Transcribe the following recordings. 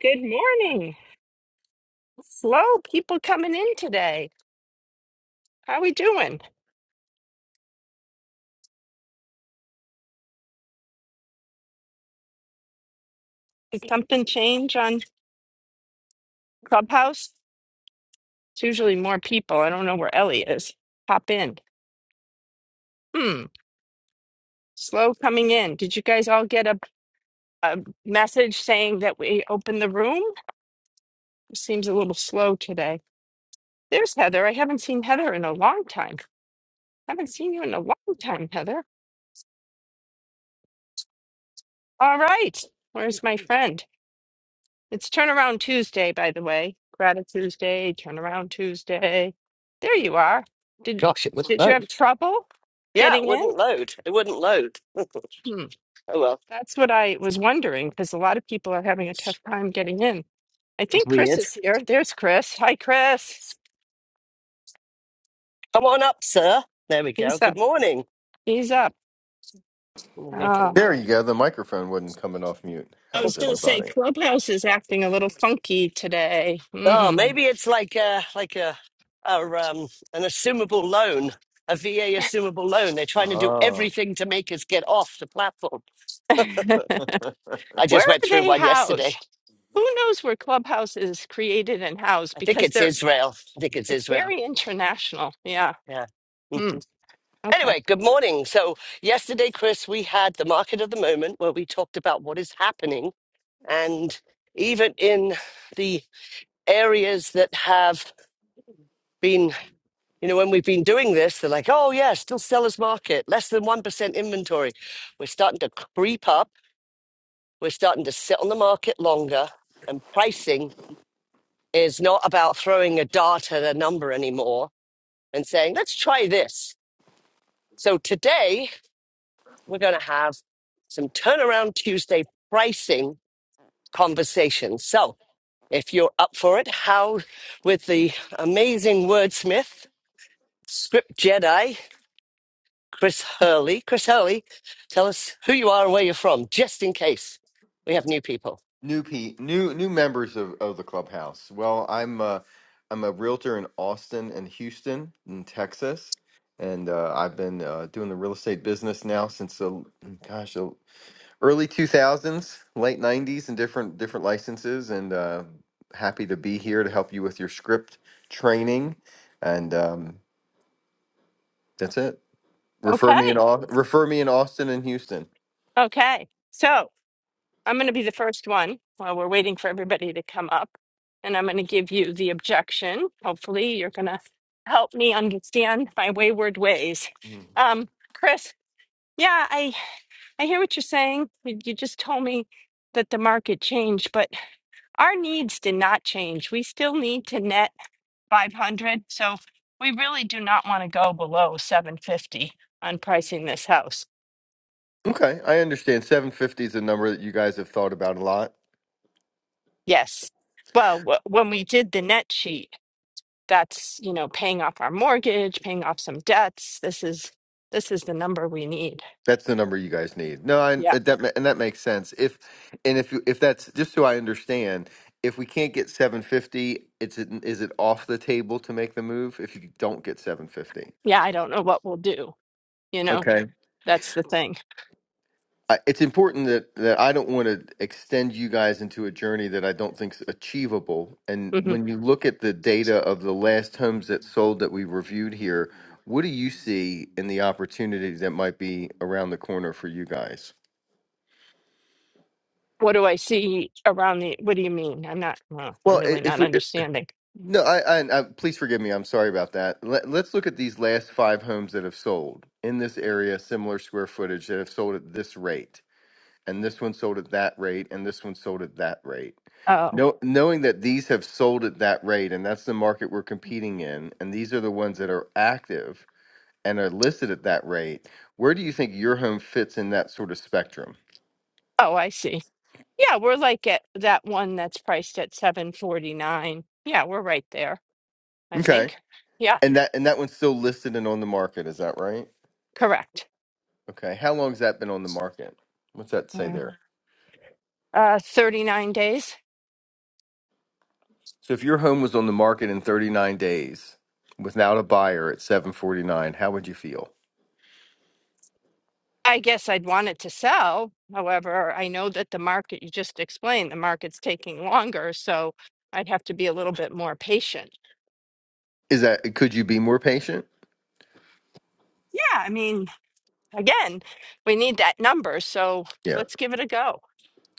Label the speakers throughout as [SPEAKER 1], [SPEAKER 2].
[SPEAKER 1] Good morning. Slow people coming in today. How are we doing? Did something change on Clubhouse? It's usually more people. I don't know where Ellie is. Pop in. Hmm. Slow coming in. Did you guys all get a, a message saying that we opened the room? It seems a little slow today. There's Heather. I haven't seen Heather in a long time. Haven't seen you in a long time, Heather. All right. Where's my friend? It's Turnaround Tuesday, by the way. Gratitude Tuesday, Turnaround Tuesday. There you are. Did
[SPEAKER 2] Gosh, it wouldn't
[SPEAKER 1] did you have
[SPEAKER 2] load.
[SPEAKER 1] trouble
[SPEAKER 2] Yeah, it
[SPEAKER 1] getting in?
[SPEAKER 2] wouldn't load. It wouldn't load.
[SPEAKER 1] Hmm.
[SPEAKER 2] Oh well,
[SPEAKER 1] That's what I was wondering because a lot of people are having a tough time getting in. I
[SPEAKER 2] it's
[SPEAKER 1] think Chris
[SPEAKER 2] weird.
[SPEAKER 1] is here. There's Chris. Hi, Chris.
[SPEAKER 2] Come on up, sir. There we go.
[SPEAKER 1] He's
[SPEAKER 2] Good
[SPEAKER 1] up.
[SPEAKER 2] morning.
[SPEAKER 1] He's up.
[SPEAKER 2] I'm making a
[SPEAKER 1] Ah,
[SPEAKER 3] There
[SPEAKER 2] mo-
[SPEAKER 3] you go. The microphone wasn't coming off mute. How
[SPEAKER 1] I
[SPEAKER 3] was
[SPEAKER 1] was going to say
[SPEAKER 3] everybody?
[SPEAKER 1] Clubhouse is acting a little funky today.
[SPEAKER 2] Oh,
[SPEAKER 1] Mm.
[SPEAKER 2] maybe it's like a like a, a um an assumable loan, a VA assumable loan. They're trying to do
[SPEAKER 3] Ah,
[SPEAKER 2] everything to make us get off the platform. I just
[SPEAKER 1] Where
[SPEAKER 2] went
[SPEAKER 1] are
[SPEAKER 2] through
[SPEAKER 1] they
[SPEAKER 2] one yesterday.
[SPEAKER 1] housed? Who knows where Clubhouse is created and housed?
[SPEAKER 2] I think
[SPEAKER 1] Because
[SPEAKER 2] it's
[SPEAKER 1] they're
[SPEAKER 2] Israel. I think it's
[SPEAKER 1] It's
[SPEAKER 2] Israel.
[SPEAKER 1] very international. Yeah.
[SPEAKER 2] Yeah. Hmm.
[SPEAKER 1] Hmm. Okay.
[SPEAKER 2] Anyway, good morning. So yesterday, Chris, we had the market of the moment where we talked about what is happening and even in the areas that have been, you know, when we've been doing this, they're like, oh, yeah, still seller's market, less than 1% inventory. We're starting to creep up. We're starting to sit on the market longer. And pricing is not about throwing a dart at a number anymore and saying, let's try this. So today we're going to have some turnaround Tuesday pricing conversations. So if you're up for it, how with the amazing wordsmith, script Jedi, Chris Hurley. Chris Hurley, tell us who you are and where you're from, just in case we have new people.
[SPEAKER 3] new p new new members of, of the clubhouse. Well, I'm uh, I'm a realtor in Austin and Houston in Texas, and uh, I've been uh, doing the real estate business now since the gosh the early 2000s, late 90s, and different different licenses. And uh, happy to be here to help you with your script training, and um, that's it. Refer me in
[SPEAKER 1] Okay.
[SPEAKER 3] Au- refer me in Austin and Houston.
[SPEAKER 1] Okay. So I'm going to be the first one while we're waiting for everybody to come up. And I'm going to give you the objection. Hopefully, you're going to help me understand my wayward ways. Um, Chris, yeah, I, I hear what you're saying. You you just told me that the market changed, but our needs did not change. We still need to net. 500. So we really do not want to go below 750 on pricing this house.
[SPEAKER 3] Okay, I understand. 750 is a number that you guys have thought about a lot.
[SPEAKER 1] Yes. Well, wh- when we did the net sheet, that's, you know, paying off our mortgage, paying off some debts. This is this is the number we need.
[SPEAKER 3] That's the number you guys need. No, I,
[SPEAKER 1] Yeah.
[SPEAKER 3] uh, that ma- and that makes sense. If and if you- if that's just so I understand, if we can't get 750, it's is it off the table to make the move if you don't get 750?
[SPEAKER 1] Yeah, I don't know what we'll do, you know. That's the thing.
[SPEAKER 3] I- it's important that that I don't want to extend you guys into a journey that I don't think's achievable. And
[SPEAKER 1] hmm
[SPEAKER 3] when you look at the data of the last homes that sold that we reviewed here, what do you see in the opportunity that might be around the corner for you guys?
[SPEAKER 1] What do I see around the what do you mean? I'm not well, I'm
[SPEAKER 3] Well, i-
[SPEAKER 1] really
[SPEAKER 3] if
[SPEAKER 1] not
[SPEAKER 3] we i-
[SPEAKER 1] understanding.
[SPEAKER 3] no, I, I, I please forgive me. I'm sorry about that. Let, let's look at these last five homes that have sold in this area, similar square footage that have sold at this rate and this one sold at that rate and this one sold at that rate
[SPEAKER 1] Oh.
[SPEAKER 3] no, knowing that these have sold at that rate and that's the market we're competing in and these are the ones that are active and are listed at that rate where do you think your home fits in that sort of spectrum
[SPEAKER 1] Oh, I see. Yeah, we're like at that one that's priced at 749. Yeah, we're right there, I
[SPEAKER 3] okay
[SPEAKER 1] think. Yeah,
[SPEAKER 3] and that and that one's still listed and on the market is that right
[SPEAKER 1] correct.
[SPEAKER 3] okay how long has that been on the market what's that say
[SPEAKER 1] Uh,
[SPEAKER 3] there
[SPEAKER 1] uh, 39 days.
[SPEAKER 3] so if your home was on the market in 39 days without a buyer at 749 how would you feel
[SPEAKER 1] I guess I'd want it to sell. However, I know that the market you just explained, the market's taking longer, so I'd have to be a little bit more patient.
[SPEAKER 3] is that could you be more patient
[SPEAKER 1] Yeah, I mean, again, we need that number, so
[SPEAKER 3] Yeah.
[SPEAKER 1] let's give it a go.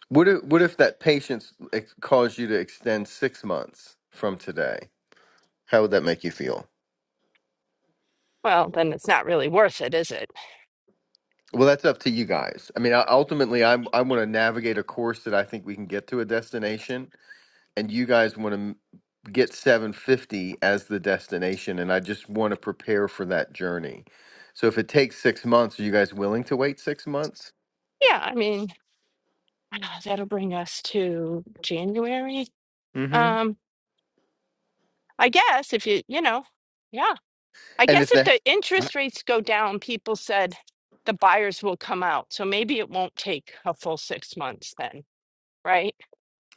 [SPEAKER 3] What if, what if that patience ex- caused you to extend six months from today? How would that make you feel?
[SPEAKER 1] Well, then it's not really worth it, is it?
[SPEAKER 3] Well, that's up to you guys. I mean, I- ultimately, I'm, I want to navigate a course that I think we can get to a destination, and you guys want to get 750 as the destination, and I just want to prepare for that journey. So if it takes six months, are you guys willing to wait six months?
[SPEAKER 1] Yeah, I mean, that'll bring us to January.
[SPEAKER 3] hmm
[SPEAKER 1] Um, I guess if you, you know, yeah. I
[SPEAKER 3] And
[SPEAKER 1] guess
[SPEAKER 3] if
[SPEAKER 1] if
[SPEAKER 3] the
[SPEAKER 1] the interest rates go down, people said the buyers will come out. So maybe it won't take a full six months then, right?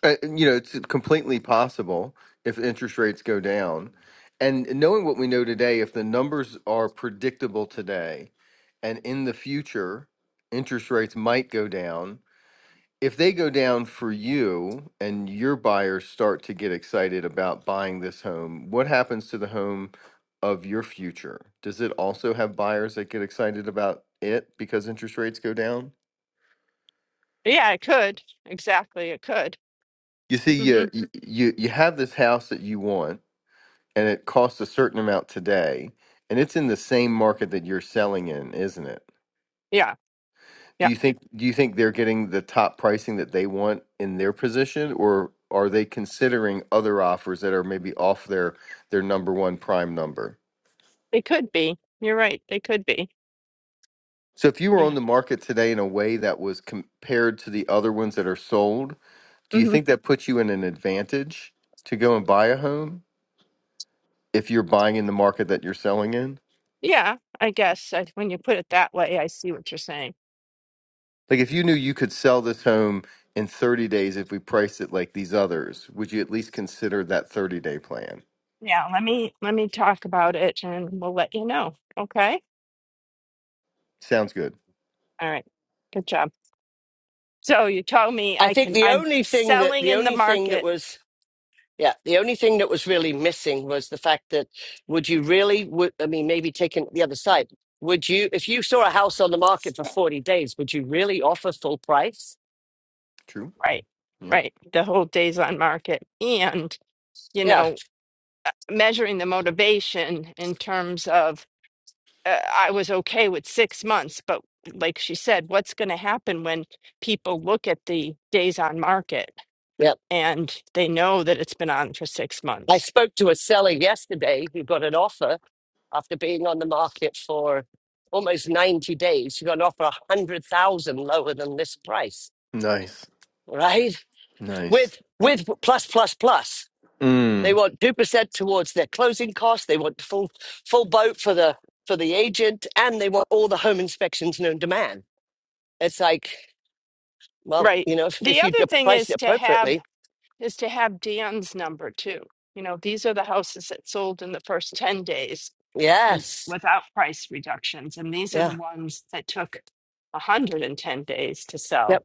[SPEAKER 3] Uh, you know, it's completely possible if interest rates go down. And knowing what we know today, if the numbers are predictable today and in the future, interest rates might go down. If they go down for you and your buyers start to get excited about buying this home, what happens to the home of your future? Does it also have buyers that get excited about it because interest rates go down?
[SPEAKER 1] Yeah, it could. Exactly. It could.
[SPEAKER 3] You see,
[SPEAKER 1] hmm
[SPEAKER 3] you you you you have this house that you want and it costs a certain amount today, and it's in the same market that you're selling in, isn't it?
[SPEAKER 1] Yeah.
[SPEAKER 3] Do
[SPEAKER 1] Yeah.
[SPEAKER 3] you think do you think they're getting the top pricing that they want in their position, or are they considering other offers that are maybe off their their number one prime number?
[SPEAKER 1] It could be. You're right. They could be.
[SPEAKER 3] So if you were
[SPEAKER 1] Yeah.
[SPEAKER 3] on the market today in a way that was compared to the other ones that are sold, do you
[SPEAKER 1] hmm
[SPEAKER 3] think that puts you in an advantage to go and buy a home if you're buying in the market that you're selling in?
[SPEAKER 1] Yeah. I guess I, when you put it that way, I see what you're saying.
[SPEAKER 3] Like if you knew you could sell this home in 30 days if we priced it like these others, would you at least consider that 30 day plan?
[SPEAKER 1] Yeah. Let me, let me talk about it and we'll let you know. Okay.
[SPEAKER 3] Sounds good.
[SPEAKER 1] All right. Good job. So you told me
[SPEAKER 2] I
[SPEAKER 1] I
[SPEAKER 2] think
[SPEAKER 1] can,
[SPEAKER 2] the
[SPEAKER 1] I'm
[SPEAKER 2] only thing that
[SPEAKER 1] selling
[SPEAKER 2] the
[SPEAKER 1] in the
[SPEAKER 2] only thing that
[SPEAKER 1] market
[SPEAKER 2] was yeah, the only thing that was really missing was the fact that would you really would I mean maybe taking the other side. Would you if you saw a house on the market for 40 days, would you really offer full price?
[SPEAKER 3] True.
[SPEAKER 1] Right,
[SPEAKER 3] Yeah.
[SPEAKER 1] right. The whole days on market and, you
[SPEAKER 2] Yeah.
[SPEAKER 1] know, uh, measuring the motivation in terms of uh, I was okay with six months, but like she said, what's going to happen when people look at the days on market
[SPEAKER 2] Yeah.
[SPEAKER 1] and they know that it's been on for six
[SPEAKER 2] I
[SPEAKER 1] months?
[SPEAKER 2] spoke to a seller yesterday who got an offer after being on the market for almost 90 days, you got an offer 100,000 lower than this price,
[SPEAKER 3] Nice.
[SPEAKER 2] right?
[SPEAKER 3] Nice.
[SPEAKER 2] With with plus plus plus. They
[SPEAKER 3] Mm.
[SPEAKER 2] want 2% towards their closing costs, they want full full boat for the for the agent and they want all the home inspections known to man. It's like, well,
[SPEAKER 1] Right.
[SPEAKER 2] you know, if,
[SPEAKER 1] The
[SPEAKER 2] if you
[SPEAKER 1] other thing
[SPEAKER 2] price it
[SPEAKER 1] is to have
[SPEAKER 2] appropriately,
[SPEAKER 1] is to have Dan's number too. You know, these are the houses that sold in the first 10 days. with
[SPEAKER 2] yes.
[SPEAKER 1] without price reductions, and these are the
[SPEAKER 2] Yeah.
[SPEAKER 1] ones that took 110 days to sell.
[SPEAKER 2] Yep.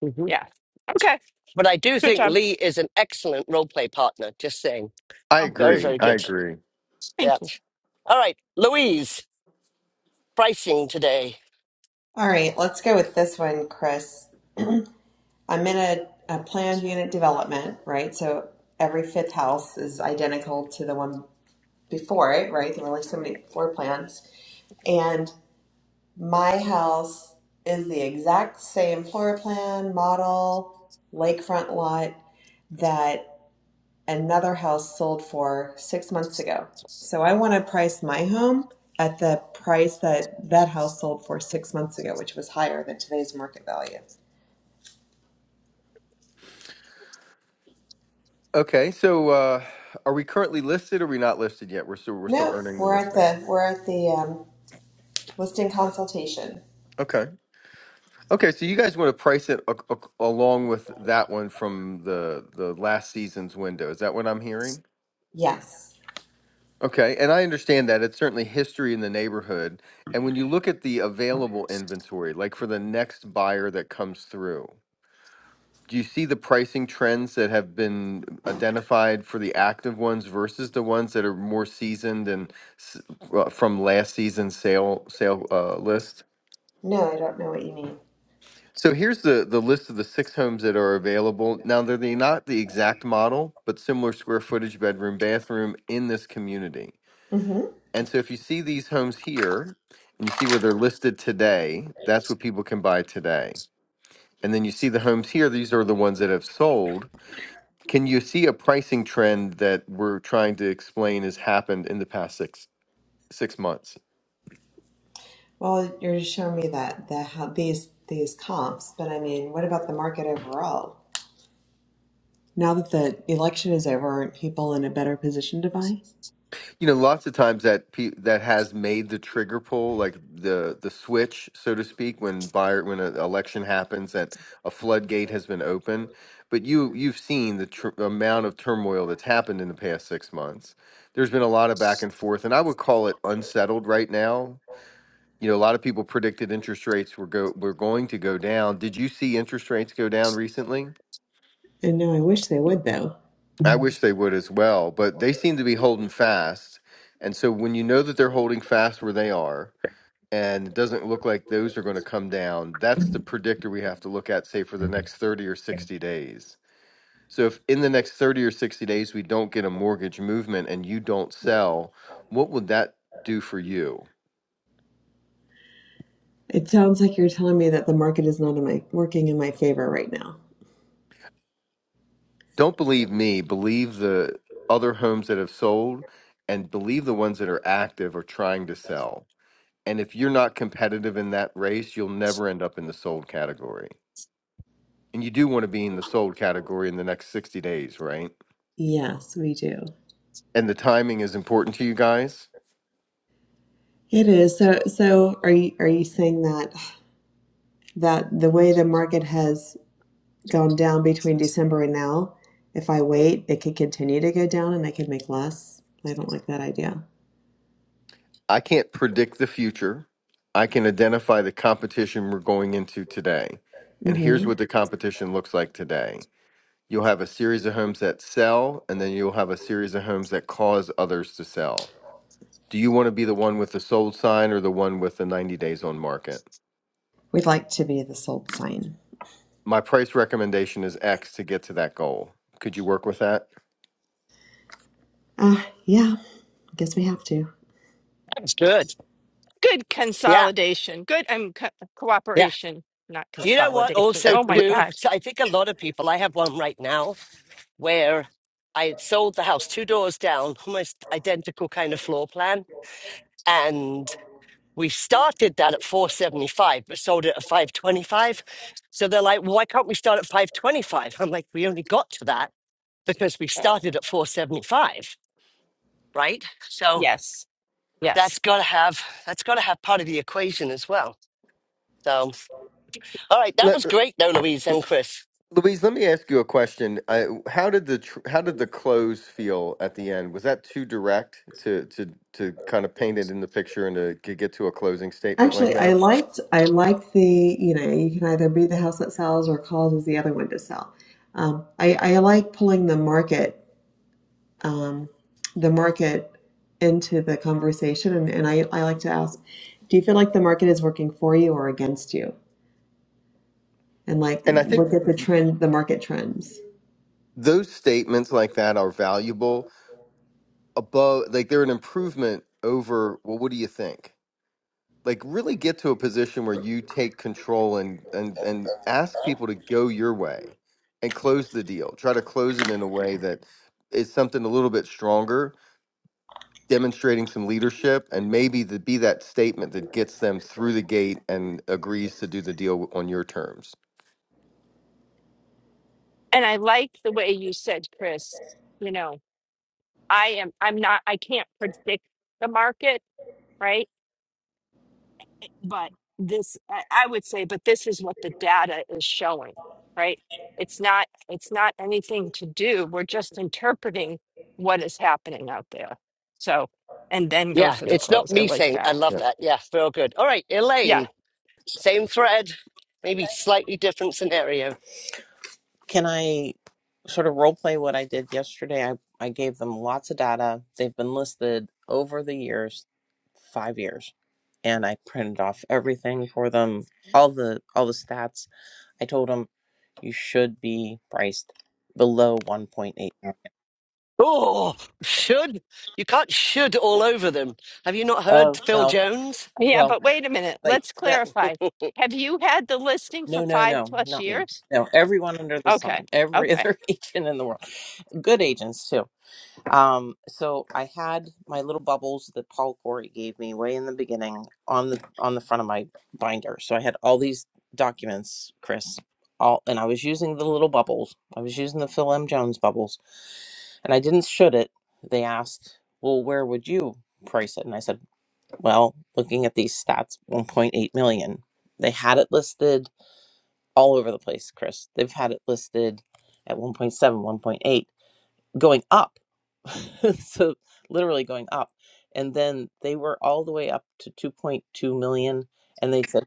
[SPEAKER 2] hmm
[SPEAKER 1] Yeah. Okay.
[SPEAKER 2] But I do
[SPEAKER 1] Good
[SPEAKER 2] think
[SPEAKER 1] job.
[SPEAKER 2] Lee is an excellent role play partner, just saying.
[SPEAKER 3] I
[SPEAKER 1] Oh,
[SPEAKER 2] Very,
[SPEAKER 3] agree.
[SPEAKER 1] thank you.
[SPEAKER 2] very
[SPEAKER 3] I
[SPEAKER 2] good.
[SPEAKER 3] agree.
[SPEAKER 2] Yeah.
[SPEAKER 1] Thank you.
[SPEAKER 2] All right, Louise, pricing today.
[SPEAKER 4] All right, let's go with this one, Chris. I'm in a, a planned unit development, right? So every fifth house is identical to the one before it, right? There were only so many floor plans. And my house is the exact same floor plan, model, lakefront lot that another house sold for six months ago. So I want to price my home at the price that that house sold for six months ago, which was higher than today's market value.
[SPEAKER 3] Okay, so uh are we currently listed or are we not listed yet? We're still we're still
[SPEAKER 4] No,
[SPEAKER 3] earning the
[SPEAKER 4] we're at
[SPEAKER 3] listing.
[SPEAKER 4] the we're at the um, listing consultation.
[SPEAKER 3] Okay. Okay, so you guys want to price it a- a- along with that one from the the last season's window. Is that what I'm hearing?
[SPEAKER 4] Yes.
[SPEAKER 3] Okay, and I understand that. It's certainly history in the neighborhood. And when you look at the available inventory, like for the next buyer that comes through, do you see the pricing trends that have been identified for the active ones versus the ones that are more seasoned and s- uh, from last season's sale sale uh, list?
[SPEAKER 4] No, I don't know what you mean.
[SPEAKER 3] So here's the the list of the six homes that are available. Now they're the, not the exact model, but similar square footage, bedroom, bathroom in this community.
[SPEAKER 4] hmm
[SPEAKER 3] And so if you see these homes here and you see where they're listed today, that's what people can buy today. And then you see the homes here, these are the ones that have sold. Can you see a pricing trend that we're trying to explain has happened in the past six six months?
[SPEAKER 4] Well, you're just showing me that the how these these comps, but I mean, what about the market overall? Now that the election is over, aren't people in a better position to buy?
[SPEAKER 3] you know lots of times that pe- that has made the trigger pull like the the switch so to speak when buyer when an election happens that a floodgate has been open but you you've seen the tr- amount of turmoil that's happened in the past 6 months there's been a lot of back and forth and i would call it unsettled right now you know a lot of people predicted interest rates were go were going to go down did you see interest rates go down recently
[SPEAKER 4] And no, I wish they would though.
[SPEAKER 3] I wish they would as well, but they seem to be holding fast. And so when you know that they're holding fast where they are, and it doesn't look like those are going to come down, that's the predictor we have to look at, say, for the next 30 or 60 days. So if in the next 30 or 60 days we don't get a mortgage movement and you don't sell, what would that do for you?
[SPEAKER 4] It sounds like you're telling me that the market is not in my working in my favor right now.
[SPEAKER 3] Don't believe me, believe the other homes that have sold and believe the ones that are active or trying to sell And if you're not competitive in that race, you'll never end up in the sold category. And you do want to be in the sold category in the next 60 days, right?
[SPEAKER 4] Yes, we do.
[SPEAKER 3] And the timing is important to you guys.
[SPEAKER 4] It is. So so are you are you saying that that the way the market has gone down between December and now, if I wait, it could continue to go down and I could make less? I don't like that idea.
[SPEAKER 3] I can't predict the future. I can identify the competition we're going into today. And here's
[SPEAKER 4] Mm-hmm.
[SPEAKER 3] what the competition looks like today. You'll have a series of homes that sell, and then you'll have a series of homes that cause others to sell. Do you want to be the one with the sold sign or the one with the 90 days on market?
[SPEAKER 4] We'd like to be the sold sign.
[SPEAKER 3] My price recommendation is X to get to that goal. Could you work with that?
[SPEAKER 4] Uh yeah, I guess we have to.
[SPEAKER 2] That's good.
[SPEAKER 1] Good
[SPEAKER 2] Yeah,
[SPEAKER 1] consolidation. Good um, co-
[SPEAKER 2] yeah.
[SPEAKER 1] cooperation, not
[SPEAKER 2] Do you know what?
[SPEAKER 1] consolidation.
[SPEAKER 3] Eh,
[SPEAKER 2] Also,
[SPEAKER 1] Oh my
[SPEAKER 3] Lu-
[SPEAKER 2] too,
[SPEAKER 1] gosh.
[SPEAKER 2] so I think a lot of people. I have one right now where I had sold the house two doors down, almost identical kind of floor plan, and we started that at four seventy five, but sold it at five twenty five. So they're like, "Well, "Why can't we start at five twenty five? I'm like, "We only got to that because we started at four seventy five, right?" So
[SPEAKER 1] Yes.
[SPEAKER 2] that's
[SPEAKER 1] Yes.
[SPEAKER 2] got to have that's got to have part of the equation as well. So. All right, that
[SPEAKER 3] Lu-
[SPEAKER 2] was great though, Louise and Chris.
[SPEAKER 3] Louise, let me ask you a question. I, how did the tr- how did the close feel at the end? Was that too direct to to to kind of paint it in the picture and to g- get to a closing statement like
[SPEAKER 4] Actually, I
[SPEAKER 3] that?
[SPEAKER 4] liked I liked the, you know, you can either be the house that sells or causes the other one to sell. Um, I, I like pulling the market um, the market into the conversation. And, and I, I like to ask, do you feel like the market is working for you or against you? And like
[SPEAKER 3] And I think
[SPEAKER 4] look at the
[SPEAKER 3] th-
[SPEAKER 4] trend, the market trends.
[SPEAKER 3] those statements like that are valuable above like they're an improvement over well what do you think? like really get to a position where you take control and and and ask people to go your way and close the deal try to close it in a way that is something a little bit stronger demonstrating some leadership and maybe to be that statement that gets them through the gate and agrees to do the deal on your terms
[SPEAKER 1] And I like the way you said, Chris. You know, I am. I'm not. I can't predict the market, right? but this I, I would say but this is what the data is showing right it's not it's not anything to do we're just interpreting what is happening out there so and then go
[SPEAKER 2] Yeah,
[SPEAKER 1] for the
[SPEAKER 2] it's not
[SPEAKER 1] close i
[SPEAKER 2] me
[SPEAKER 1] like
[SPEAKER 2] saying I
[SPEAKER 1] that
[SPEAKER 2] love
[SPEAKER 3] yep
[SPEAKER 2] that. Yeah, real good. All right,
[SPEAKER 1] yeah
[SPEAKER 2] Elaine, same thread, maybe slightly different scenario.
[SPEAKER 5] Can I sort of role play what I did yesterday? I, I gave them lots of data. They've been listed over the years, five years, and I printed off everything for them, all the all the stats. I told them you should be priced below one point eight.
[SPEAKER 2] Oh, should you can't should all over them. Have you not heard
[SPEAKER 5] Oh,
[SPEAKER 2] Phil
[SPEAKER 5] well,
[SPEAKER 2] Jones?
[SPEAKER 1] yeah
[SPEAKER 5] well,
[SPEAKER 1] but wait a minute
[SPEAKER 5] like
[SPEAKER 1] let's
[SPEAKER 5] that.
[SPEAKER 1] clarify have you had the listing
[SPEAKER 5] No,
[SPEAKER 1] for
[SPEAKER 5] no,
[SPEAKER 1] five
[SPEAKER 5] no,
[SPEAKER 1] plus
[SPEAKER 5] not me.
[SPEAKER 1] years
[SPEAKER 5] No, everyone under the
[SPEAKER 1] okay
[SPEAKER 5] sun, every
[SPEAKER 1] okay
[SPEAKER 5] other agent in the world, good agents too. Um, so I had my little bubbles that Paul Corey gave me way in the beginning on the on the front of my binder. So I had all these documents, Chris, all and I was using the little bubbles. I was using the Phil M. Jones bubbles, and I didn't should it. They asked, "Well, where would you price it?" And I said, "Well, looking at these stats, 1.8 million. They had it listed all over the place, Chris. They've had it listed at 1.7, 1.8, going up." so literally going up. And then they were all the way up to 2.2 million. And they said,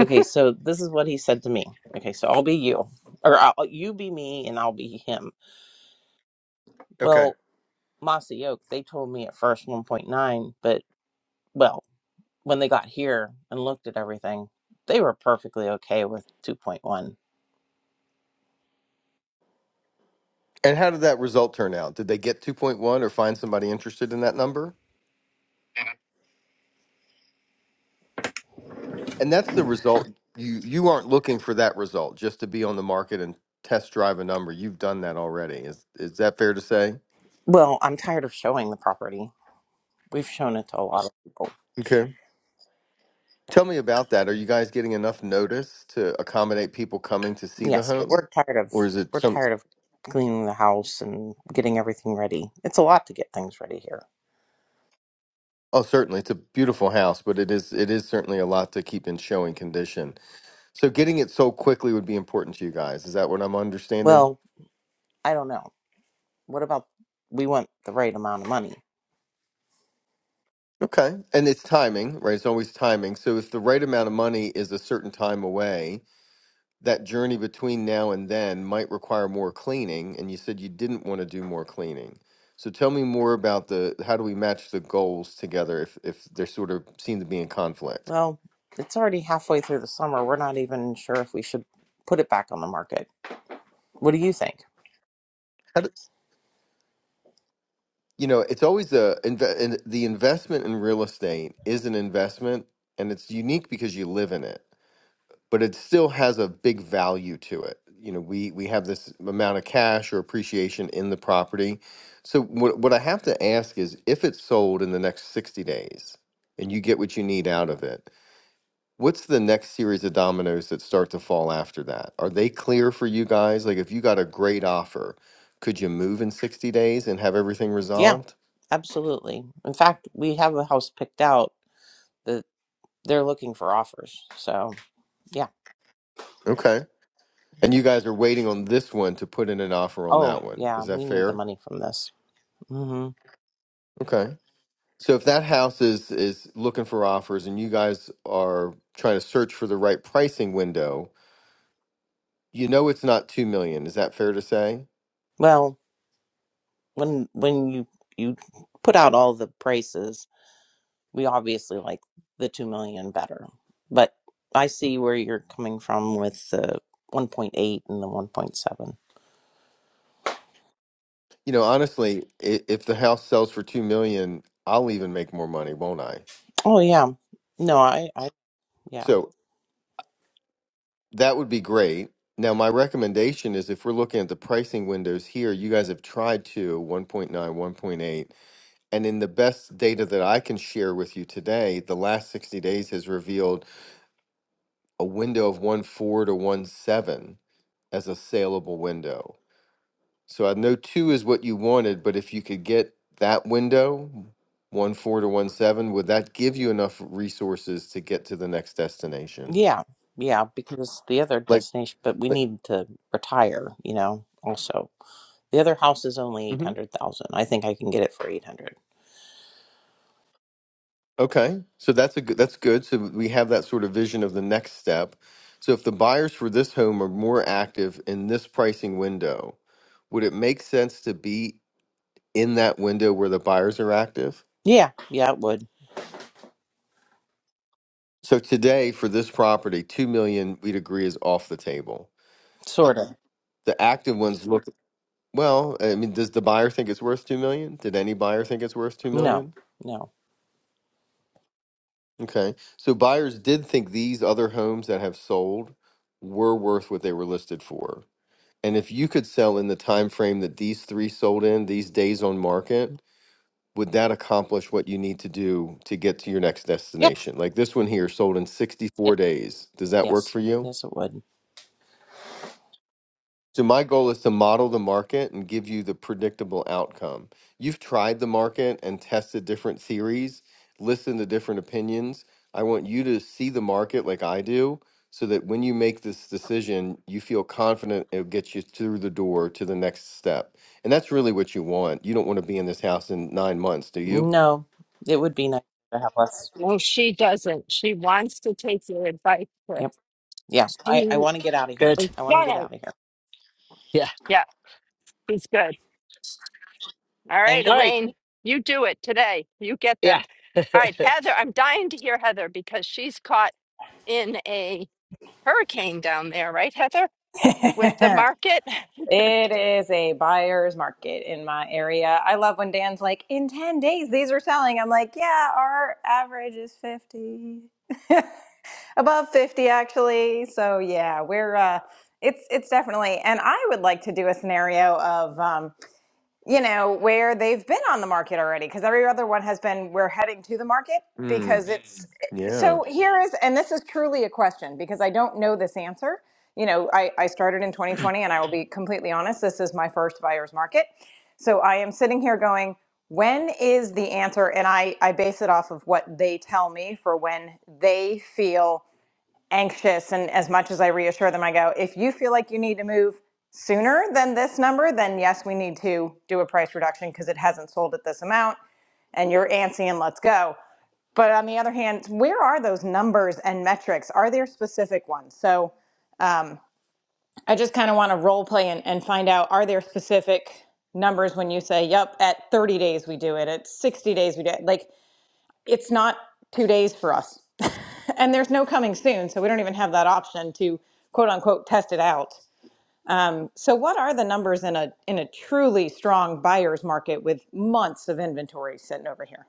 [SPEAKER 5] okay, so this is what he said to me. Okay, so I'll be you, or I'll, you be me, and I'll be him.
[SPEAKER 3] Okay.
[SPEAKER 5] Well, Mossy Oak, they told me at first 1.9, but well, when they got here and looked at everything, they were perfectly okay with 2.1.
[SPEAKER 3] and how did that result turn out did they get 2.1 or find somebody interested in that number and that's the result you you aren't looking for that result just to be on the market and test drive a number you've done that already is is that fair to say
[SPEAKER 5] Well, I'm tired of showing the property. We've shown it to a lot of people.
[SPEAKER 3] Okay. tell me about that are you guys getting enough notice to accommodate people coming to see the
[SPEAKER 5] Yes, but
[SPEAKER 3] home
[SPEAKER 5] we're tired of
[SPEAKER 3] or is it
[SPEAKER 5] we're
[SPEAKER 3] some
[SPEAKER 5] tired of cleaning the house and getting everything ready. It's a lot to get things ready here.
[SPEAKER 3] oh certainly it's a beautiful house but it is it is certainly a lot to keep in showing condition so getting it sold quickly would be important to you guys is that what i'm understanding
[SPEAKER 5] Well, I don't know. What about we want the right amount of money?
[SPEAKER 3] okay and it's timing right it's always timing so if the right amount of money is a certain time away that journey between now and then might require more cleaning, and you said you didn't want to do more cleaning. So tell me more about the how do we match the goals together if if they sort of seem to be in conflict?
[SPEAKER 5] Well, it's already halfway through the summer. We're not even sure if we should put it back on the market. What do you think?
[SPEAKER 3] How do, you know, it's always the inve- in, the investment in real estate is an investment, and it's unique because you live in it but it still has a big value to it. You know, we we have this amount of cash or appreciation in the property. So what what I have to ask is if it's sold in the next 60 days and you get what you need out of it, what's the next series of dominoes that start to fall after that? Are they clear for you guys? Like if you got a great offer, could you move in 60 days and have everything
[SPEAKER 5] Yeah,
[SPEAKER 3] resolved?
[SPEAKER 5] absolutely. In fact, we have a house picked out that they're looking for offers. So, yeah.
[SPEAKER 3] Okay. And you guys are waiting on this one to put in an offer on
[SPEAKER 5] Oh,
[SPEAKER 3] that one.
[SPEAKER 5] yeah,
[SPEAKER 3] Is that
[SPEAKER 5] we need the
[SPEAKER 3] fair?
[SPEAKER 5] money from this. Mhm.
[SPEAKER 3] Okay. So if that house is is looking for offers and you guys are trying to search for the right pricing window, you know it's not 2 million. Is that fair to say?
[SPEAKER 5] Well, when when you you put out all the prices, we obviously like the two million better. But I see where you're coming from with the one point eight and the one point seven.
[SPEAKER 3] You know, honestly, i- if the house sells for 2 million, I'll even make more money, won't I?
[SPEAKER 5] Oh yeah, no, I, I yeah
[SPEAKER 3] So that would be great. Now, my recommendation is if we're looking at the pricing windows here, you guys have tried to one point nine, one point eight, and in the best data that I can share with you today, the last 60 days has revealed a window of one four to one seven. as a saleable window. So I know two is what you wanted, but if you could get that window, one four to one seven, would that give you enough resources to get to the next destination?
[SPEAKER 5] yeah yeah because the other
[SPEAKER 3] Like,
[SPEAKER 5] destination, but we
[SPEAKER 3] like
[SPEAKER 5] need to retire. You know, also the other house is only eight
[SPEAKER 3] Mhm.
[SPEAKER 5] hundred thousand. I think I can get it for eight hundred.
[SPEAKER 3] okay, so that's a good, that's good. So we have that sort of vision of the next step. So if the buyers for this home are more active in this pricing window, would it make sense to be in that window where the buyers are active?
[SPEAKER 5] Yeah, yeah, it would
[SPEAKER 3] So today for this property, two million, we'd agree is off the table
[SPEAKER 5] sort of.
[SPEAKER 3] The active ones look well. I mean, does the buyer think it's worth two million? Did any buyer think it's worth two
[SPEAKER 5] No,
[SPEAKER 3] million?
[SPEAKER 5] no.
[SPEAKER 3] Okay, so buyers did think these other homes that have sold were worth what they were listed for. And if you could sell in the time frame that these three sold in, these days on market, would that accomplish what you need to do to get to your next
[SPEAKER 5] Yeah,
[SPEAKER 3] destination? Like this one here sold in
[SPEAKER 5] yeah,
[SPEAKER 3] 64 days. Does that work
[SPEAKER 5] yes,
[SPEAKER 3] for you?
[SPEAKER 5] yes, it would.
[SPEAKER 3] So my goal is to model the market and give you the predictable outcome. You've tried the market and tested different theories, listened to different opinions. I want you to see the market like I do so that when you make this decision, you feel confident it'll get you through the door to the next step. And that's really what you want. You don't want to be in this house in 9 months, do you?
[SPEAKER 5] No, it would be nice to have us.
[SPEAKER 1] no she doesn't she wants to take your advice Chris.
[SPEAKER 5] Yep. Yeah. I, I
[SPEAKER 1] she
[SPEAKER 5] want to get out of here.
[SPEAKER 2] Good.
[SPEAKER 1] is
[SPEAKER 5] I want to get
[SPEAKER 1] gonna
[SPEAKER 5] out of here.
[SPEAKER 2] Yeah.
[SPEAKER 1] yeah she's good All
[SPEAKER 5] Thank
[SPEAKER 1] right,
[SPEAKER 5] you.
[SPEAKER 2] All right.
[SPEAKER 1] Elaine, you do it today. You get them.
[SPEAKER 2] Yeah.
[SPEAKER 1] All right, Heather, I'm dying to hear Heather because she's caught in a hurricane down there, right, Heather? With the market.
[SPEAKER 6] it is a buyer's market in my area. I love when Dan's like, in 10 days, these are selling. I'm like, yeah, our average is 50. Above 50 actually. So yeah, we're uh it's it's definitely and I would like to do a scenario of um you know, where they've been on the market already, because every other one has been, we're heading to the market
[SPEAKER 3] Mm,
[SPEAKER 6] because it's. eh,
[SPEAKER 3] yeah.
[SPEAKER 6] So here is, and this is truly a question because I don't know this answer. You know, I, I started in 2020 and I will be completely honest, this is my first buyer's market. So I am sitting here going, when is the answer? And I, I base it off of what they tell me for when they feel anxious and as much as I reassure them, I go, if you feel like you need to move sooner than this number, then yes, we need to do a price reduction because it hasn't sold at this amount and you're antsy and let's go. But on the other hand, where are those numbers and metrics? Are there specific ones? So I just kind of want to role play and, and find out are there specific numbers when you say, yep, at 30 days we do it, at 60 days we do it? Like, it's not two days for us. and there's no coming soon, so we don't even have that option to quote unquote test it out. Um, so what are the numbers in a in a truly strong buyer's market with months of inventory sitting over here?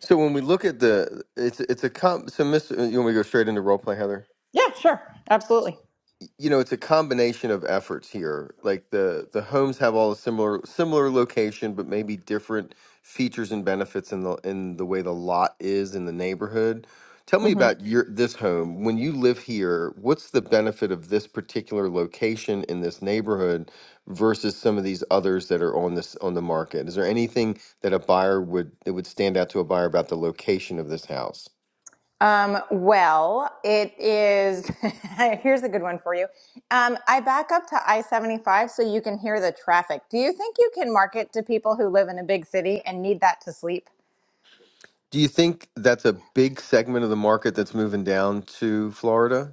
[SPEAKER 3] So when we look at the it's it's a comp so Miss you want me to go straight into role play, Heather?
[SPEAKER 6] Yeah, sure. Absolutely.
[SPEAKER 3] you know it's a combination of efforts here like the the homes have all a similar similar location but maybe different features and benefits in the in the way the lot is in the neighborhood tell me
[SPEAKER 6] hmm
[SPEAKER 3] about your this home when you live here what's the benefit of this particular location in this neighborhood versus some of these others that are on this on the market is there anything that a buyer would that would stand out to a buyer about the location of this house
[SPEAKER 6] Um, well, it is here's a good one for you. Um, I back up to I-75 so you can hear the traffic. Do you think you can market to people who live in a big city and need that to sleep?
[SPEAKER 3] Do you think that's a big segment of the market that's moving down to Florida?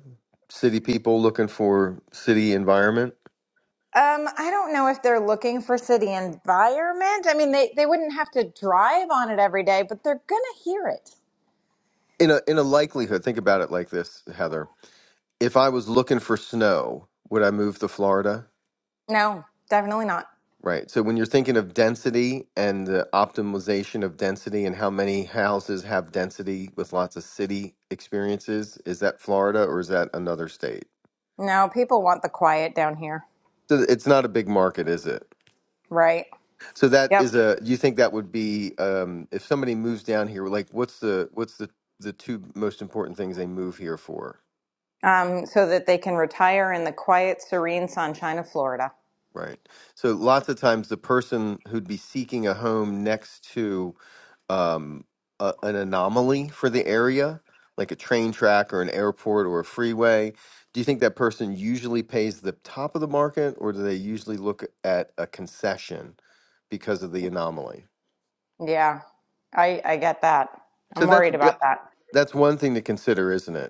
[SPEAKER 3] City people looking for city environment?
[SPEAKER 6] Um, I don't know if they're looking for city environment. I mean, they, they wouldn't have to drive on it every day, but they're going to hear it.
[SPEAKER 3] In a in a likelihood, think about it like this, Heather. If I was looking for snow, would I move to Florida?
[SPEAKER 6] No, definitely not.
[SPEAKER 3] Right. So when you're thinking of density and the optimization of density and how many houses have density with lots of city experiences, is that Florida or is that another state?
[SPEAKER 6] No, people want the quiet down here.
[SPEAKER 3] So it's not a big market, is it?
[SPEAKER 6] Right.
[SPEAKER 3] So that is
[SPEAKER 6] Yep.
[SPEAKER 3] a. Do you think that would be um, if somebody moves down here? Like, what's the what's the the two most important things they move here for?
[SPEAKER 6] Um, so that they can retire in the quiet, serene sunshine of Florida.
[SPEAKER 3] Right. So lots of times the person who'd be seeking a home next to um, a, an anomaly for the area, like a train track or an airport or a freeway, do you think that person usually pays the top of the market, or do they usually look at a concession because of the anomaly?
[SPEAKER 6] Yeah. I, I get that. I'm
[SPEAKER 3] So that's
[SPEAKER 6] worried
[SPEAKER 3] that-
[SPEAKER 6] about that.
[SPEAKER 3] that's one thing to consider, isn't it?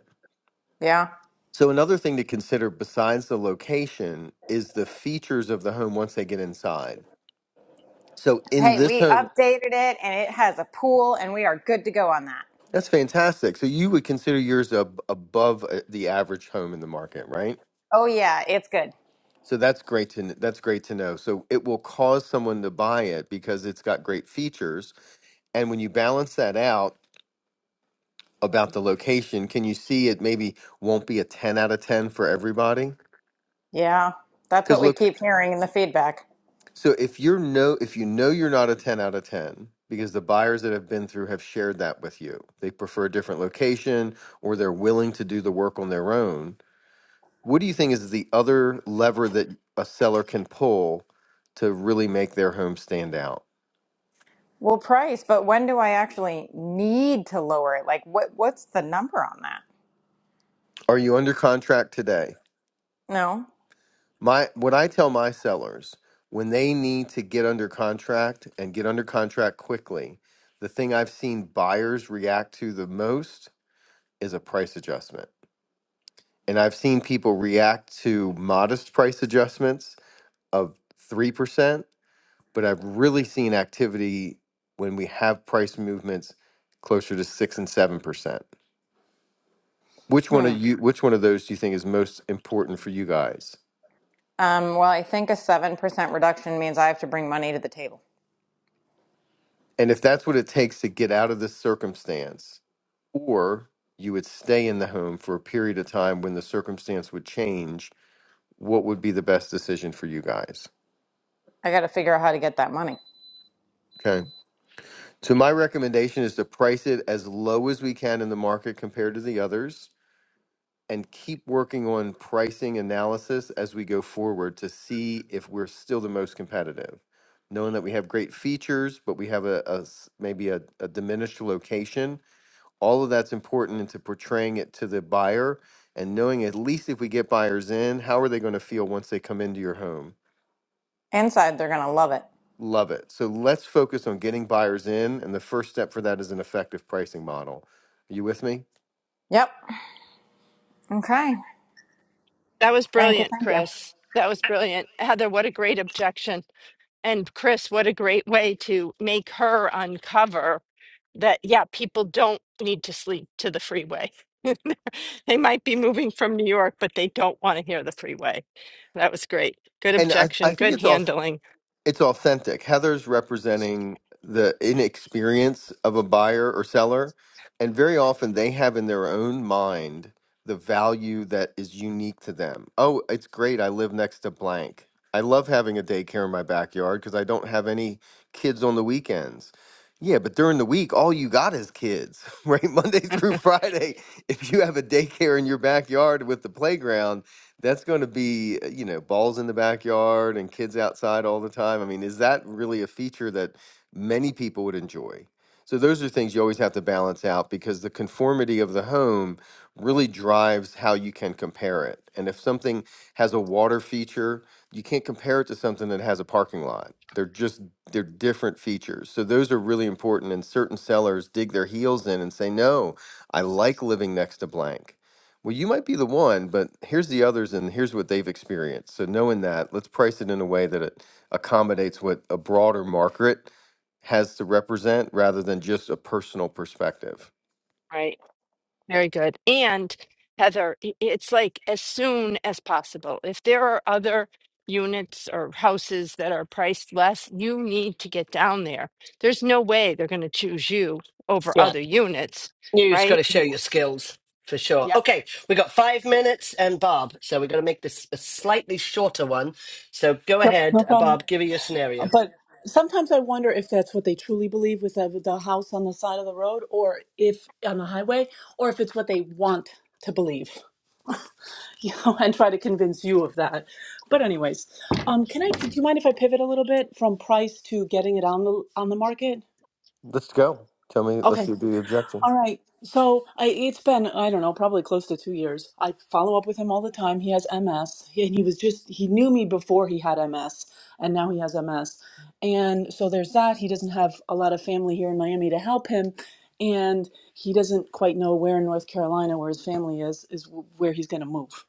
[SPEAKER 6] Yeah.
[SPEAKER 3] So another thing to consider besides the location is the features of the home once they get inside. So in
[SPEAKER 6] Hey,
[SPEAKER 3] this
[SPEAKER 6] we
[SPEAKER 3] home,
[SPEAKER 6] updated it and it has a pool and we are good to go on that.
[SPEAKER 3] that's fantastic. So you would consider yours ab- above uh, the average home in the market, right?
[SPEAKER 6] Oh yeah, it's good.
[SPEAKER 3] So that's great to kn- that's great to know. So it will cause someone to buy it because it's got great features. And when you balance that out about the location, can you see it maybe won't be a 10 out of 10 for everybody?
[SPEAKER 6] Yeah. That's
[SPEAKER 3] Because
[SPEAKER 6] what we keep hearing in the feedback.
[SPEAKER 3] So if you're no if you know you're not a 10 out of 10 because the buyers that have been through have shared that with you. They prefer a different location or they're willing to do the work on their own. What do you think is the other lever that a seller can pull to really make their home stand out?
[SPEAKER 6] Well, price, but when do I actually need to lower it? Like, what what's the number on that?
[SPEAKER 3] Are you under contract today?
[SPEAKER 6] No.
[SPEAKER 3] My what I tell my sellers when they need to get under contract and get under contract quickly, the thing I've seen buyers react to the most is a price adjustment And I've seen people react to modest price adjustments of 3%, but I've really seen activity when we have price movements closer to 6 and 7%. Which one of
[SPEAKER 6] Hmm.
[SPEAKER 3] you which one of those do you think is most important for you guys?
[SPEAKER 6] Um, well, I think a 7% reduction means I have to bring money to the table.
[SPEAKER 3] And if that's what it takes to get out of this circumstance, or you would stay in the home for a period of time when the circumstance would change, what would be the best decision for you guys?
[SPEAKER 6] I got to figure out how to get that money.
[SPEAKER 3] Okay. So my recommendation is to price it as low as we can in the market compared to the others and keep working on pricing analysis as we go forward to see if we're still the most competitive. Knowing that we have great features, but we have a, a s- maybe a, a diminished location, all of that's important into portraying it to the buyer and knowing at least if we get buyers in, how are they going to feel once they come into your home?
[SPEAKER 6] Inside, they're going to love it.
[SPEAKER 3] Love it. So let's focus on getting buyers in, and the first step for that is an effective pricing model. Are you with me?
[SPEAKER 6] Yep. Okay.
[SPEAKER 1] That was
[SPEAKER 6] Thank you.
[SPEAKER 1] brilliant,
[SPEAKER 6] Thank you.
[SPEAKER 1] Chris. That was brilliant. Heather, what a great objection. And Chris, what a great way to make her uncover that, yeah, people don't need to sleep to the freeway. they might be moving from New York, but they don't want to hear the freeway. That was great. Good
[SPEAKER 3] And I, I
[SPEAKER 1] objection,
[SPEAKER 3] think
[SPEAKER 1] good
[SPEAKER 3] it's all
[SPEAKER 1] handling.
[SPEAKER 3] it's authentic. Heather's representing the inexperience of a buyer or seller, and very often they have in their own mind the value that is unique to them. Oh, it's great. I live next to blank. I love having a daycare in my backyard because I don't have any kids on the weekends. Yeah, but during the week, all you got is kids, right? Monday through Friday. If you have a daycare in your backyard with the playground, that's going to be, uh, you know, balls in the backyard and kids outside all the time. I mean, is that really a feature that many people would enjoy? So those are things you always have to balance out because the conformity of the home really drives how you can compare it. And if something has a water feature, you can't compare it to something that has a parking lot. They're just they're different features. So those are really important and certain sellers dig their heels in and say, "No, I like living next to blank." Well, you might be the one, but here's the others, and here's what they've experienced. So, knowing that, let's price it in a way that it accommodates what a broader market has to represent rather than just a personal perspective.
[SPEAKER 1] Right. Very good. And Heather, i- it's like as soon as possible. If there are other units or houses that are priced less, you need to get down there. There's no way they're going to choose you over
[SPEAKER 2] yeah.
[SPEAKER 1] other units,
[SPEAKER 2] You just got
[SPEAKER 1] right?
[SPEAKER 2] to show
[SPEAKER 1] Y-
[SPEAKER 2] your skills for sure.
[SPEAKER 1] Yep.
[SPEAKER 2] Okay, we got five minutes and Bob, so we're going to make this a slightly shorter one. So go
[SPEAKER 7] Yep,
[SPEAKER 2] ahead,
[SPEAKER 7] no
[SPEAKER 2] uh,
[SPEAKER 7] problem.
[SPEAKER 2] Bob. Give me your
[SPEAKER 7] Uh,
[SPEAKER 2] scenario.
[SPEAKER 7] But sometimes I wonder if that's what they truly believe with the, with the house on the side of the road or if on the highway, or if it's what they want to believe, you know, and try to convince you of that. But anyways, um, can I, do you mind if I pivot a little bit from price to getting it on the, on the market?
[SPEAKER 3] Let's go. Tell me, let's
[SPEAKER 7] Okay.
[SPEAKER 3] do the objection.
[SPEAKER 7] All right. So I, it's been, I don't know, probably close to two years. I follow up with him all the time. He has MS. He, and he was just, he knew me before he had MS, and now he has MS. And so there's that. He doesn't have a lot of family here in Miami to help him. And he doesn't quite know where in North Carolina, where his family is, is where he's going to move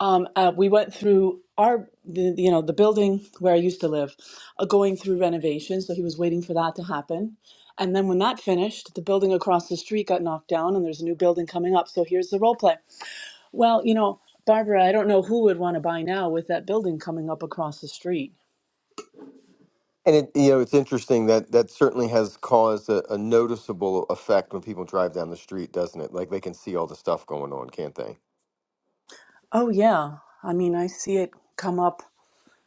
[SPEAKER 7] um, uh, we went through our the, you know the building where i used to live uh, going through renovation so he was waiting for that to happen and then when that finished the building across the street got knocked down and there's a new building coming up so here's the role play well you know barbara i don't know who would want to buy now with that building coming up across the street
[SPEAKER 3] And it, you know, it's interesting that that certainly has caused a, a noticeable effect when people drive down the street, doesn't it? Like they can see all the stuff going on, can't they?
[SPEAKER 7] oh yeah i mean i see it come up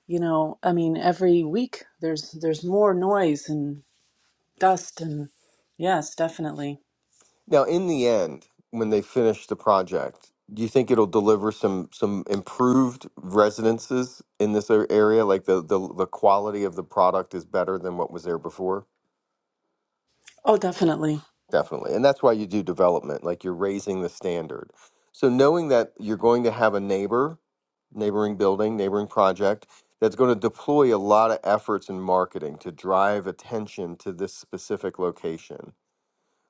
[SPEAKER 7] you know i mean every week there's there's more noise and dust and yes definitely
[SPEAKER 3] Now, in the end, when they finish the project, do you think it'll deliver some some improved residences in this ar- area? Like the the, the quality of the product is better than what was there before?
[SPEAKER 7] oh definitely
[SPEAKER 3] Definitely. And that's why you do development, like you're raising the standard. So knowing that you're going to have a neighbor neighboring building, neighboring project that's going to deploy a lot of efforts in marketing to drive attention to this specific location.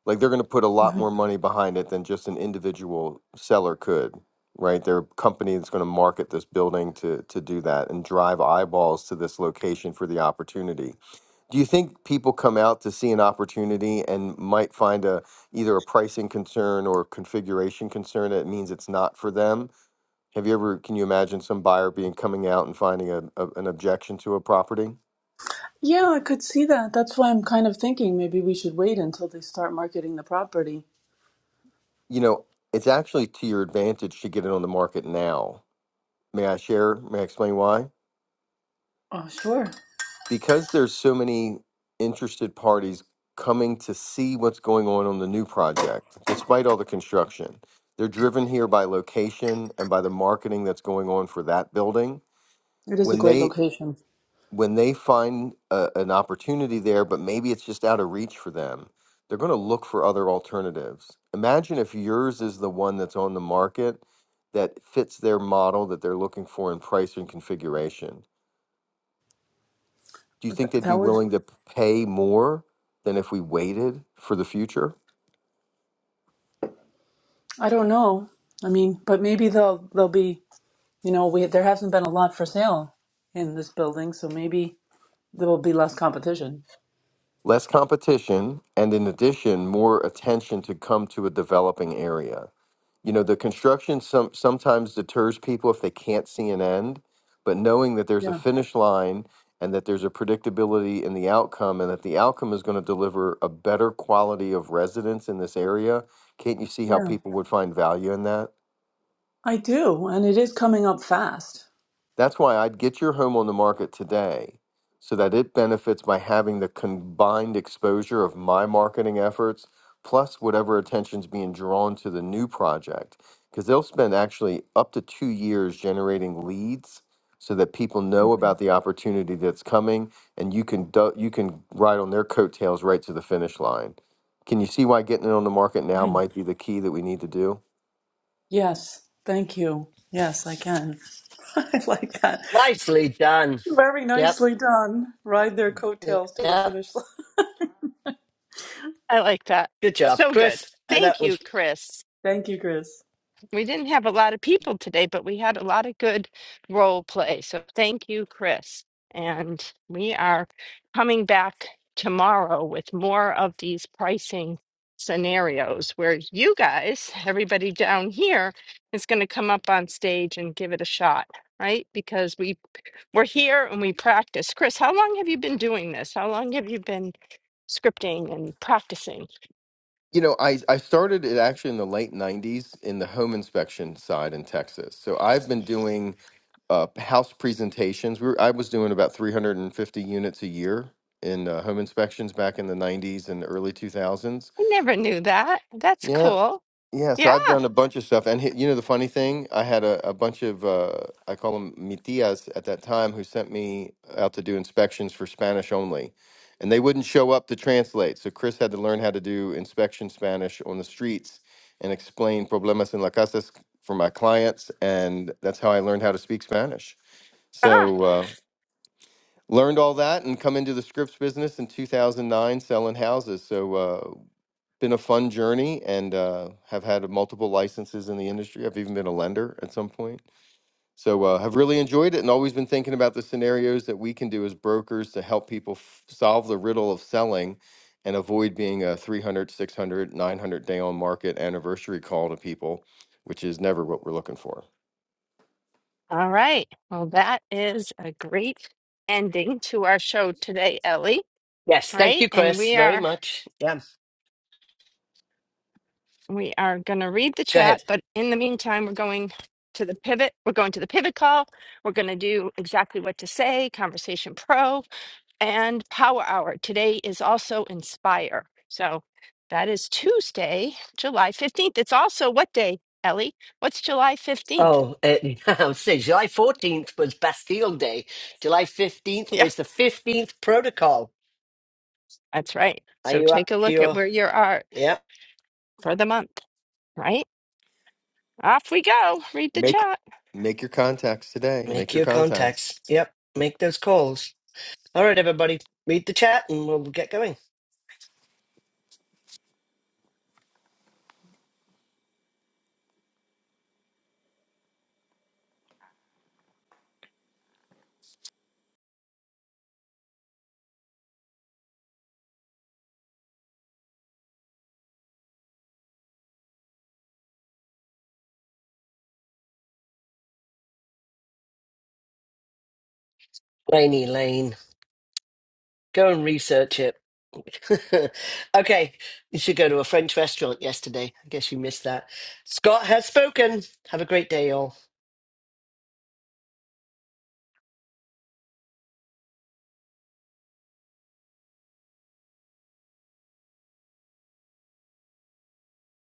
[SPEAKER 3] Like they're going to put a lot more money behind it than just an individual seller could, right? They're a company that's going to market this building to to do that and drive eyeballs to this location for the opportunity. Do you think people come out to see an opportunity and might find a either a pricing concern or configuration concern that means it's not for them? Have you ever, can you imagine some buyer being coming out and finding a, a, an objection to a property?
[SPEAKER 7] Yeah, I could see that. That's why I'm kind of thinking maybe we should wait until they start marketing the property.
[SPEAKER 3] You know, it's actually to your advantage to get it on the market now. May I share? May I explain why?
[SPEAKER 7] Oh, sure.
[SPEAKER 3] Because there's so many interested parties coming to see what's going on on the new project, despite all the construction. They're driven here by location and by the marketing that's going on for that building.
[SPEAKER 7] It is a
[SPEAKER 3] When
[SPEAKER 7] great
[SPEAKER 3] they
[SPEAKER 7] location.
[SPEAKER 3] when they find a, an opportunity there, but maybe it's just out of reach for them, they're going to look for other alternatives. Imagine if yours is the one that's on the market that fits their model that they're looking for in price and configuration. Do you
[SPEAKER 7] But
[SPEAKER 3] think
[SPEAKER 7] th-
[SPEAKER 3] they'd be
[SPEAKER 7] that would,
[SPEAKER 3] willing to pay more than if we waited for the future?
[SPEAKER 7] I don't know. I mean, but maybe they'll they'll be, you know, we there hasn't been a lot for sale in this building, so maybe there will be less competition.
[SPEAKER 3] less competition, and in addition, more attention to come to a developing area. You know, the construction some, sometimes deters people if they can't see an end, but knowing that there's a
[SPEAKER 7] Yeah.
[SPEAKER 3] finish line and that there's a predictability in the outcome and that the outcome is going to deliver a better quality of residence in this area, can't you see how
[SPEAKER 7] Yeah.
[SPEAKER 3] people would find value in that?
[SPEAKER 7] I do, and it is coming up fast.
[SPEAKER 3] That's why I'd get your home on the market today so that it benefits by having the combined exposure of my marketing efforts plus whatever attention's being drawn to the new project. Because they'll spend actually up to two years generating leads so that people know about the opportunity that's coming and you can du- you can ride on their coattails right to the finish line. Can you see why getting it on the market now
[SPEAKER 7] Right.
[SPEAKER 3] might be the key that we need to do?
[SPEAKER 7] Yes. Thank you. Yes, I can. I like that.
[SPEAKER 2] Nicely done.
[SPEAKER 7] Very
[SPEAKER 2] Yep.
[SPEAKER 7] nicely done. Ride their coattails to the
[SPEAKER 2] Yep.
[SPEAKER 7] finish line.
[SPEAKER 1] I like that.
[SPEAKER 2] Good job,
[SPEAKER 1] So good.
[SPEAKER 2] Chris. Uh, That
[SPEAKER 1] Thank you,
[SPEAKER 2] was
[SPEAKER 1] Chris.
[SPEAKER 7] Thank you, Chris.
[SPEAKER 1] We didn't have a lot of people today, but we had a lot of good role play. So thank you, Chris. And we are coming back tomorrow with more of these pricing scenarios where you guys, everybody down here, is going to come up on stage and give it a shot, right? Because we we're here and we practice. Chris, how long have you been doing this? How long have you been scripting and practicing?
[SPEAKER 3] You know, I, I started it actually in the late 90s in the home inspection side in Texas. So I've been doing uh, house presentations. We were, I was doing about 350 units a year in uh, home inspections back in the 90s and early 2000s.
[SPEAKER 1] I never knew that. That's
[SPEAKER 3] Yeah.
[SPEAKER 1] cool.
[SPEAKER 3] Yeah, so I've
[SPEAKER 1] Yeah.
[SPEAKER 3] done a bunch of stuff, and he, you know the funny thing, I had a, a bunch of uh, I call them mitias at that time who sent me out to do inspections for Spanish only, and they wouldn't show up to translate. So Chris had to learn how to do inspection Spanish on the streets and explain problemas en la casas for my clients, and that's how I learned how to speak Spanish. So uh, learned all that and come into the scripts business in 2009 selling houses. So uh, been a fun journey and uh, have had multiple licenses in the industry. I've even been a lender at some point. So uh, have really enjoyed it and always been thinking about the scenarios that we can do as brokers to help people f- solve the riddle of selling and avoid being a 300, 600, 900 day on market anniversary call to people, which is never what we're looking for.
[SPEAKER 1] All right. Well, that is a great ending to our show today, Ellie.
[SPEAKER 2] yes. Thank
[SPEAKER 1] Right?
[SPEAKER 2] you,
[SPEAKER 1] And
[SPEAKER 2] Chris,
[SPEAKER 1] we
[SPEAKER 2] very
[SPEAKER 1] are
[SPEAKER 2] much. Yeah.
[SPEAKER 1] we are going to read the
[SPEAKER 2] Go
[SPEAKER 1] chat,
[SPEAKER 2] ahead.
[SPEAKER 1] but in the meantime, we're going to the pivot. We're going to the pivot call. We're going to do exactly what to say, Conversation Pro, and Power Hour. Today is also Inspire. So that is Tuesday, July 15th. It's also what day, Ellie? What's July 15th?
[SPEAKER 2] Oh, it, I would say July fourteenth was Bastille Day. July fifteenth
[SPEAKER 1] Yeah,
[SPEAKER 2] is the fifteenth protocol.
[SPEAKER 1] that's right.
[SPEAKER 2] Are
[SPEAKER 1] So
[SPEAKER 2] you
[SPEAKER 1] take
[SPEAKER 2] up
[SPEAKER 1] a
[SPEAKER 2] to
[SPEAKER 1] look at
[SPEAKER 2] your?
[SPEAKER 1] where you are
[SPEAKER 2] Yep.
[SPEAKER 1] for the month, right? Off we go. Read the
[SPEAKER 3] Make
[SPEAKER 1] chat.
[SPEAKER 3] make your contacts today. Make
[SPEAKER 2] Make
[SPEAKER 3] your
[SPEAKER 2] your
[SPEAKER 3] contacts.
[SPEAKER 2] contacts. Yep. Make those calls. All right, everybody. Read the chat, and we'll get going. Laney Lane. Go and research it. okay, you should go to a French restaurant yesterday. I guess you missed that. Scott has spoken. Have a great day, all.